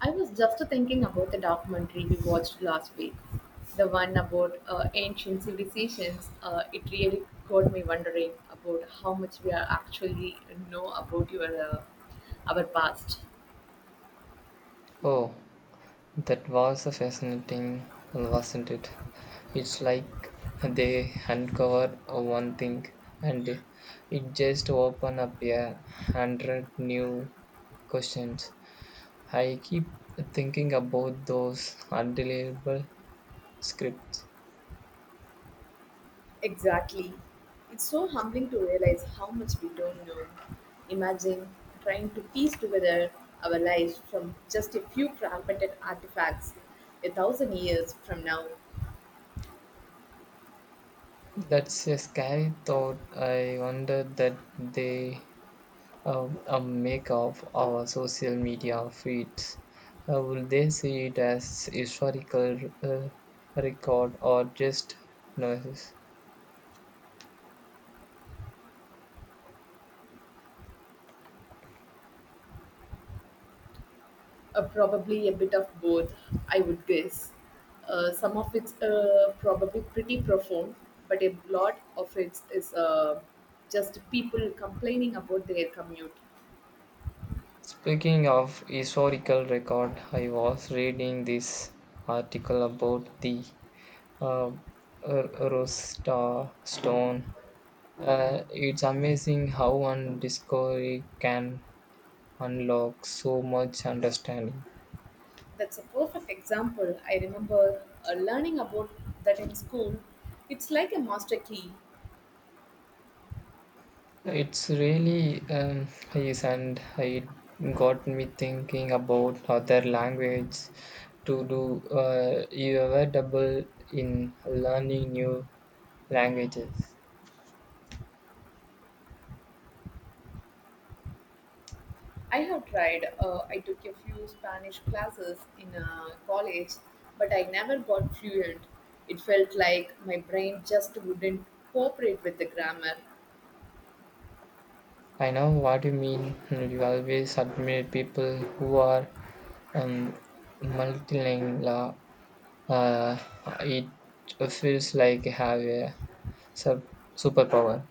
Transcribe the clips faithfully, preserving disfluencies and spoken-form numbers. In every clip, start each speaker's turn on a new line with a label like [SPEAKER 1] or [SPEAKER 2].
[SPEAKER 1] I was just thinking about the documentary we watched last week, the one about uh, ancient civilizations. Uh, it really got me wondering about how much we are actually know about your uh, our past.
[SPEAKER 2] Oh, that was fascinating, wasn't it? It's like they uncover one thing and it just opened up a hundred new questions. I keep thinking about those undeliverable scripts.
[SPEAKER 1] Exactly. It's so humbling to realize how much we don't know. Imagine trying to piece together our lives from just a few fragmented artifacts a thousand years from now.
[SPEAKER 2] That's a scary thought. I wonder that they uh, uh, make of our social media feeds? Uh, will they see it as historical uh, record or just noises?
[SPEAKER 1] Uh, probably a bit of both, I would guess. Uh, some of it's uh, probably pretty profound, but a lot of it is uh, just people complaining about their commute.
[SPEAKER 2] Speaking of historical record, I was reading this article about the uh, R- Rosta stone. Uh, it's amazing how one discovery can unlock so much understanding.
[SPEAKER 1] That's a perfect example. I remember uh, learning about that in school. It's like a master key.
[SPEAKER 2] It's really um, is, and it got me thinking about other language to do. Uh, you ever double in learning new languages?
[SPEAKER 1] I have tried. Uh, I took a few Spanish classes in uh, college, but I never got fluent. It felt like my brain just wouldn't cooperate with the grammar.
[SPEAKER 2] I know what you mean. You always admire people who are um, multilingual. Uh, it feels like have a sub- superpower.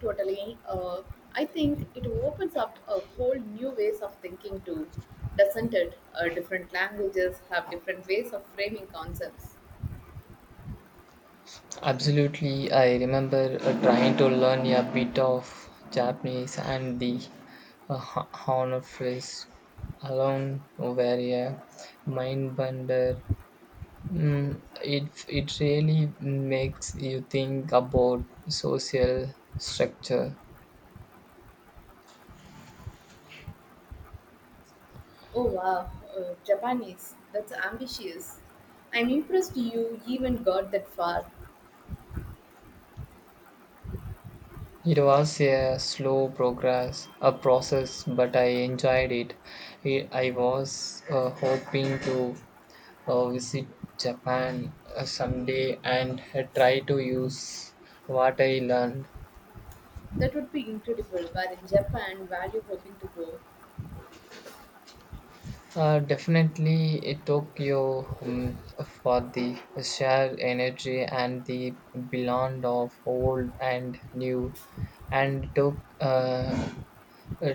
[SPEAKER 1] Totally. Uh, I think it opens up a whole new ways of thinking too, doesn't it? Uh, different languages have different ways of framing concepts.
[SPEAKER 2] Absolutely, I remember uh, trying to learn a bit of Japanese and the uh, ho- honor phrase alone were a mind bender. Mm, it it really makes you think about social structure.
[SPEAKER 1] Oh wow, uh, Japanese. That's ambitious. I'm impressed you even got that far.
[SPEAKER 2] It was a slow progress, a process, but I enjoyed it. I I was uh, hoping to uh, visit Japan uh, someday and uh, try to use what I learned.
[SPEAKER 1] That would be incredible. Where in Japan, where you hoping to go?
[SPEAKER 2] Uh, definitely uh, Tokyo um, for the sheer energy and the blend of old and new, and to, uh, uh,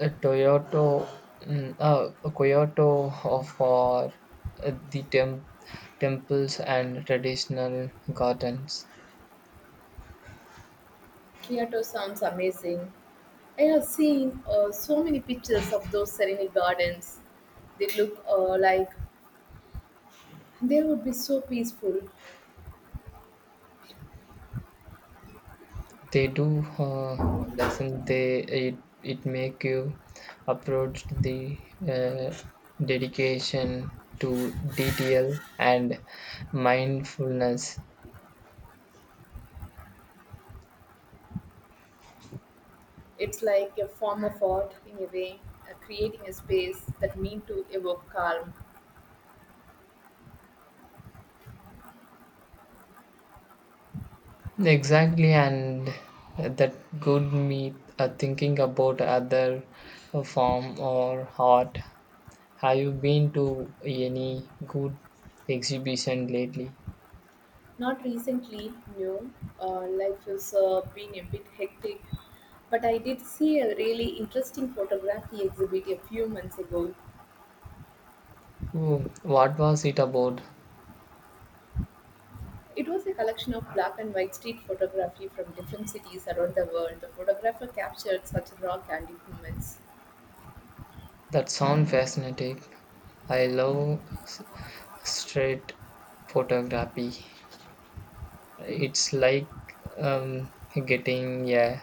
[SPEAKER 2] uh, Toyota, um, uh, Kyoto for uh, the tem- temples and traditional gardens.
[SPEAKER 1] Kyoto sounds amazing. I have seen uh, so many pictures of those serene gardens. They look uh, like they would be so peaceful.
[SPEAKER 2] They do, uh, doesn't they? It it make you approach the uh, dedication to detail and mindfulness.
[SPEAKER 1] It's like a form of art in a way, uh, creating a space that mean to evoke calm.
[SPEAKER 2] Exactly, and that could me uh, thinking about other uh, form or art. Have you been to any good exhibition lately?
[SPEAKER 1] Not recently, no. Uh, life has uh, been a bit hectic, but I did see a really interesting photography exhibit a few months ago.
[SPEAKER 2] Oh, what was it about?
[SPEAKER 1] It was a collection of black and white street photography from different cities around the world. The photographer captured such raw, candid moments.
[SPEAKER 2] That sound fascinating. I love Straight photography. It's like um, getting a,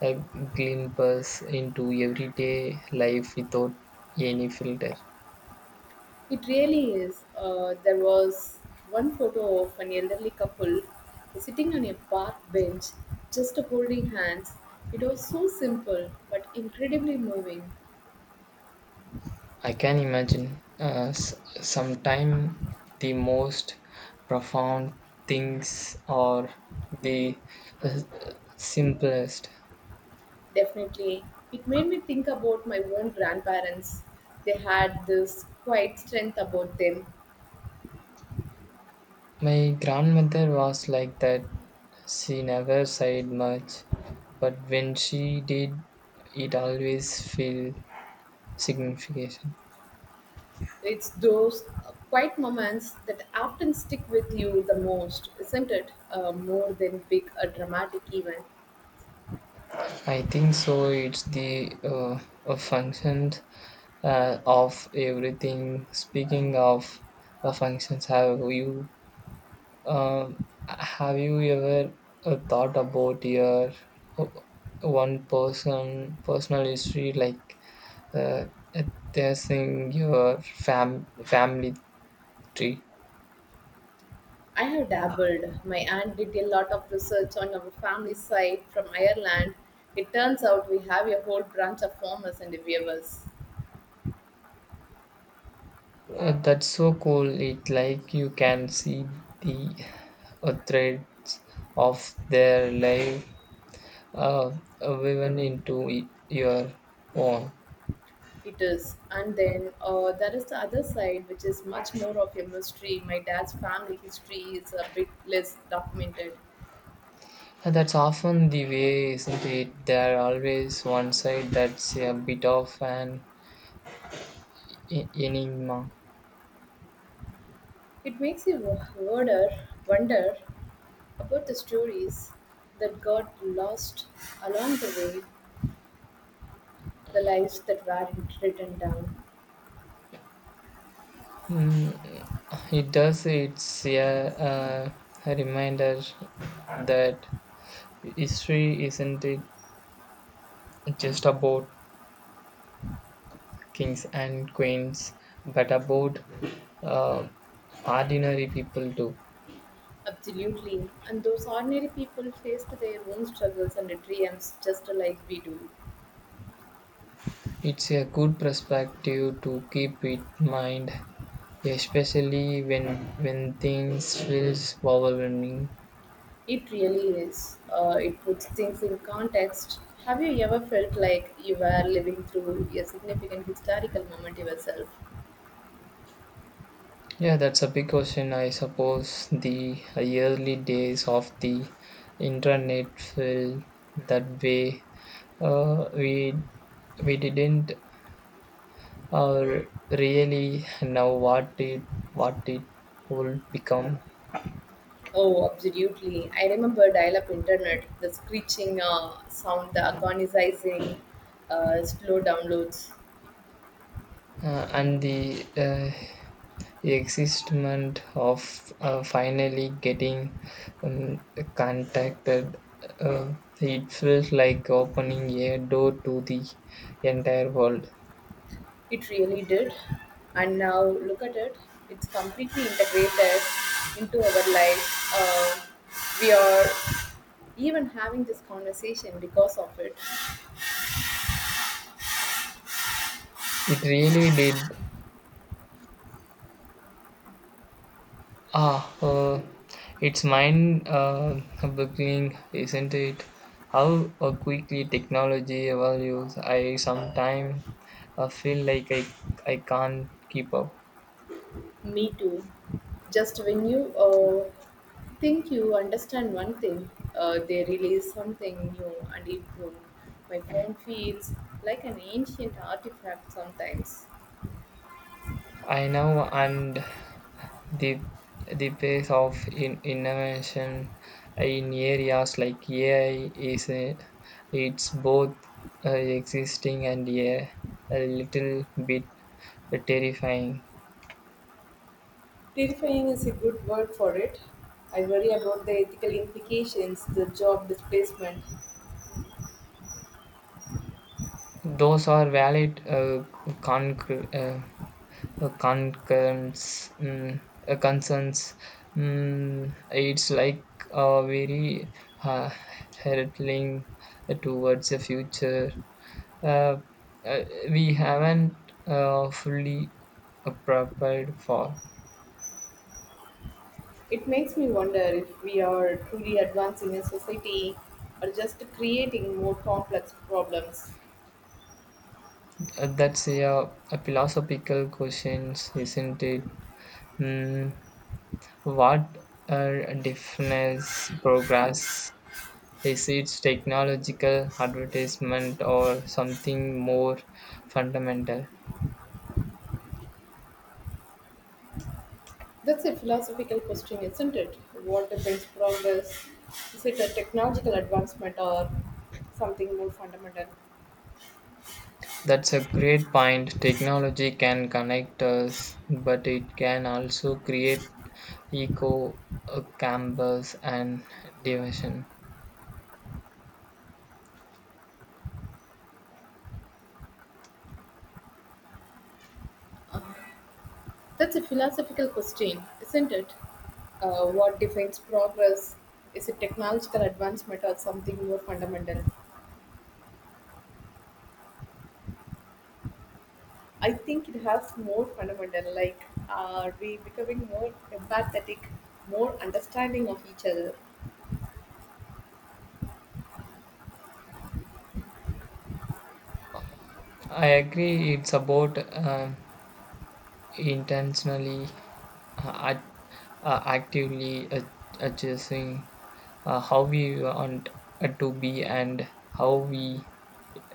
[SPEAKER 2] a glimpse into everyday life without any filter.
[SPEAKER 1] It really is. Uh, there was one photo of an elderly couple sitting on a park bench, just holding hands. It was so simple but incredibly moving.
[SPEAKER 2] I can imagine uh, s- sometime the most profound things are the uh, simplest.
[SPEAKER 1] Definitely, it made me think about my own grandparents. They had this quiet strength about them.
[SPEAKER 2] My grandmother was like that. She never said much, but when she did, it always felt significant.
[SPEAKER 1] It's those uh, quiet moments that often stick with you the most, isn't it? Uh, more than big, a dramatic event.
[SPEAKER 2] I think so. It's the uh, a function uh, of everything. Speaking of uh, functions, have you um, have you ever uh, thought about your uh, one person personal history like? uh, there's your fam- family tree.
[SPEAKER 1] I have dabbled. My aunt did a lot of research on our family side from Ireland. It turns out we have a whole branch of farmers and weavers.
[SPEAKER 2] Uh, that's so cool. It like you can see the uh, threads of their life uh, woven into y- your own.
[SPEAKER 1] It is. And then uh, there is the other side, which is much more of a mystery. My dad's family history is a bit less documented.
[SPEAKER 2] And that's often the way, isn't it? There are always one side that's a bit of an e- enigma.
[SPEAKER 1] It makes you wonder, wonder about the stories that got lost along the way, the lives that weren't written down.
[SPEAKER 2] Mm, it does. It's a, uh, a reminder that history isn't it just about kings and queens, but about uh, ordinary people too.
[SPEAKER 1] Absolutely. And those ordinary people faced their own struggles and dreams just like we do.
[SPEAKER 2] It's a good perspective to keep in mind, especially when when things feels overwhelming.
[SPEAKER 1] It really is. Uh, it puts things in context. Have you ever felt like you were living through a significant historical moment yourself?
[SPEAKER 2] Yeah, that's a big question. I suppose the early days of the internet felt that way. Uh, we we didn't or really now, what it what it will become
[SPEAKER 1] Oh, absolutely. I remember dial up internet, the screeching uh, sound, the agonizing uh, slow downloads.
[SPEAKER 2] uh, and the uh, existment of uh, finally getting um, contacted, uh, it feels like opening a door to the entire world.
[SPEAKER 1] It really did. And now look at it. It's completely integrated into our life. Uh, we are even having this conversation because of it.
[SPEAKER 2] It really did. Ah, uh, it's mind uh, boggling, isn't it? How uh, quickly technology evolves. I sometimes uh, feel like I, I can't keep up.
[SPEAKER 1] Me too. Just when you uh, think you understand one thing, uh, they release something new and improved. My phone feels like an ancient artifact sometimes.
[SPEAKER 2] I know, and the the pace of in, innovation in areas like A I is uh, it's both uh, existing and yeah, a little bit terrifying.
[SPEAKER 1] Terrifying is a good word for it. I worry about the ethical implications, the job displacement.
[SPEAKER 2] Those are valid uh, conc- uh, uh, concerns. mm, uh, concerns. Mm, it's like a very uh, hurtling towards the future. Uh, uh, we haven't uh, fully uh, prepared for.
[SPEAKER 1] It makes me wonder if we are truly advancing in society or just creating more complex problems.
[SPEAKER 2] Uh, that's a, a philosophical question, isn't it? Mm, what uh, defines progress? Is it technological advertisement or something more fundamental?
[SPEAKER 1] That's a philosophical question, isn't it? What defines progress? Is it a technological advancement or something more fundamental?
[SPEAKER 2] That's a great point. Technology can connect us, but it can also create echo uh, campus and division.
[SPEAKER 1] That's a philosophical question, isn't it? Uh, what defines progress? Is it technological advancement or something more fundamental? I think it has more fundamental, like are we becoming more empathetic, more understanding of each other?
[SPEAKER 2] I agree. It's about uh, intentionally, uh, act- uh, actively ad- adjusting uh, how we want uh, to be and how we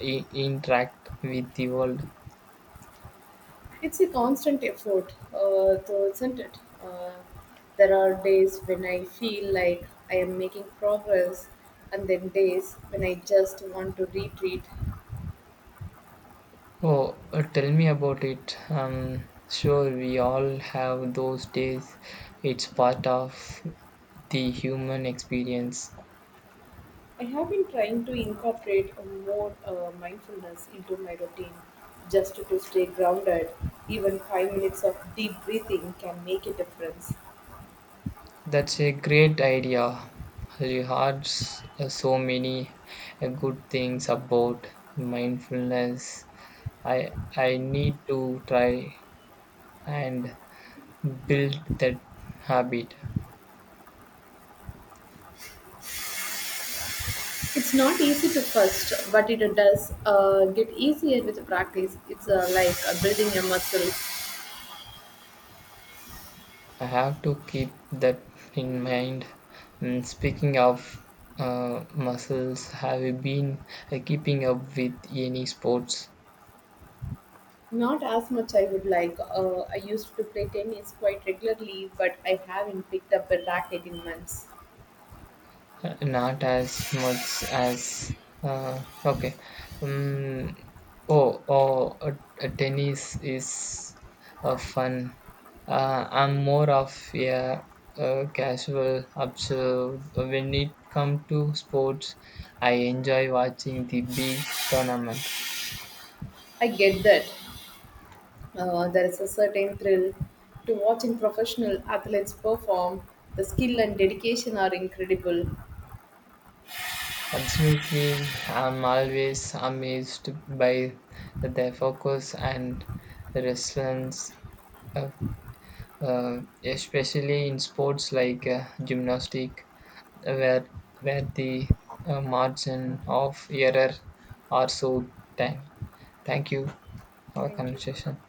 [SPEAKER 2] i- interact with the world.
[SPEAKER 1] It's a constant effort, uh, though, isn't it? Uh, there are days when I feel like I am making progress, and then days when I just want to retreat.
[SPEAKER 2] Oh, uh, tell me about it. Um, sure, we all have those days. It's part of the human experience.
[SPEAKER 1] I have been trying to incorporate a more uh, mindfulness into my routine just to stay grounded. Even five minutes of deep breathing can make a difference.
[SPEAKER 2] That's a great idea. Rehards so many uh, good things about mindfulness. I I need to try and build that habit.
[SPEAKER 1] It's not easy to first, but it does uh, get easier with practice. It's uh, like uh, building a muscle.
[SPEAKER 2] I have to keep that in mind. And speaking of uh, muscles, have you been uh, keeping up with any sports?
[SPEAKER 1] Not as much I would like. Uh, I used to play tennis quite regularly, but I haven't picked up a racket in months.
[SPEAKER 2] Uh, not as much as uh, okay. Um, oh, oh, uh, uh, Tennis is uh, fun. Uh, I'm more of a, uh casual observer. When it comes to sports, I enjoy watching the big tournament.
[SPEAKER 1] I get that. Uh, there is a certain thrill to watching professional athletes perform. The skill and dedication are incredible.
[SPEAKER 2] Absolutely, I'm always amazed by their focus and resilience, uh, uh, especially in sports like uh, gymnastics, where where the uh, margin of error are so tiny. Thank you for our
[SPEAKER 1] Thank you.
[SPEAKER 2] conversation.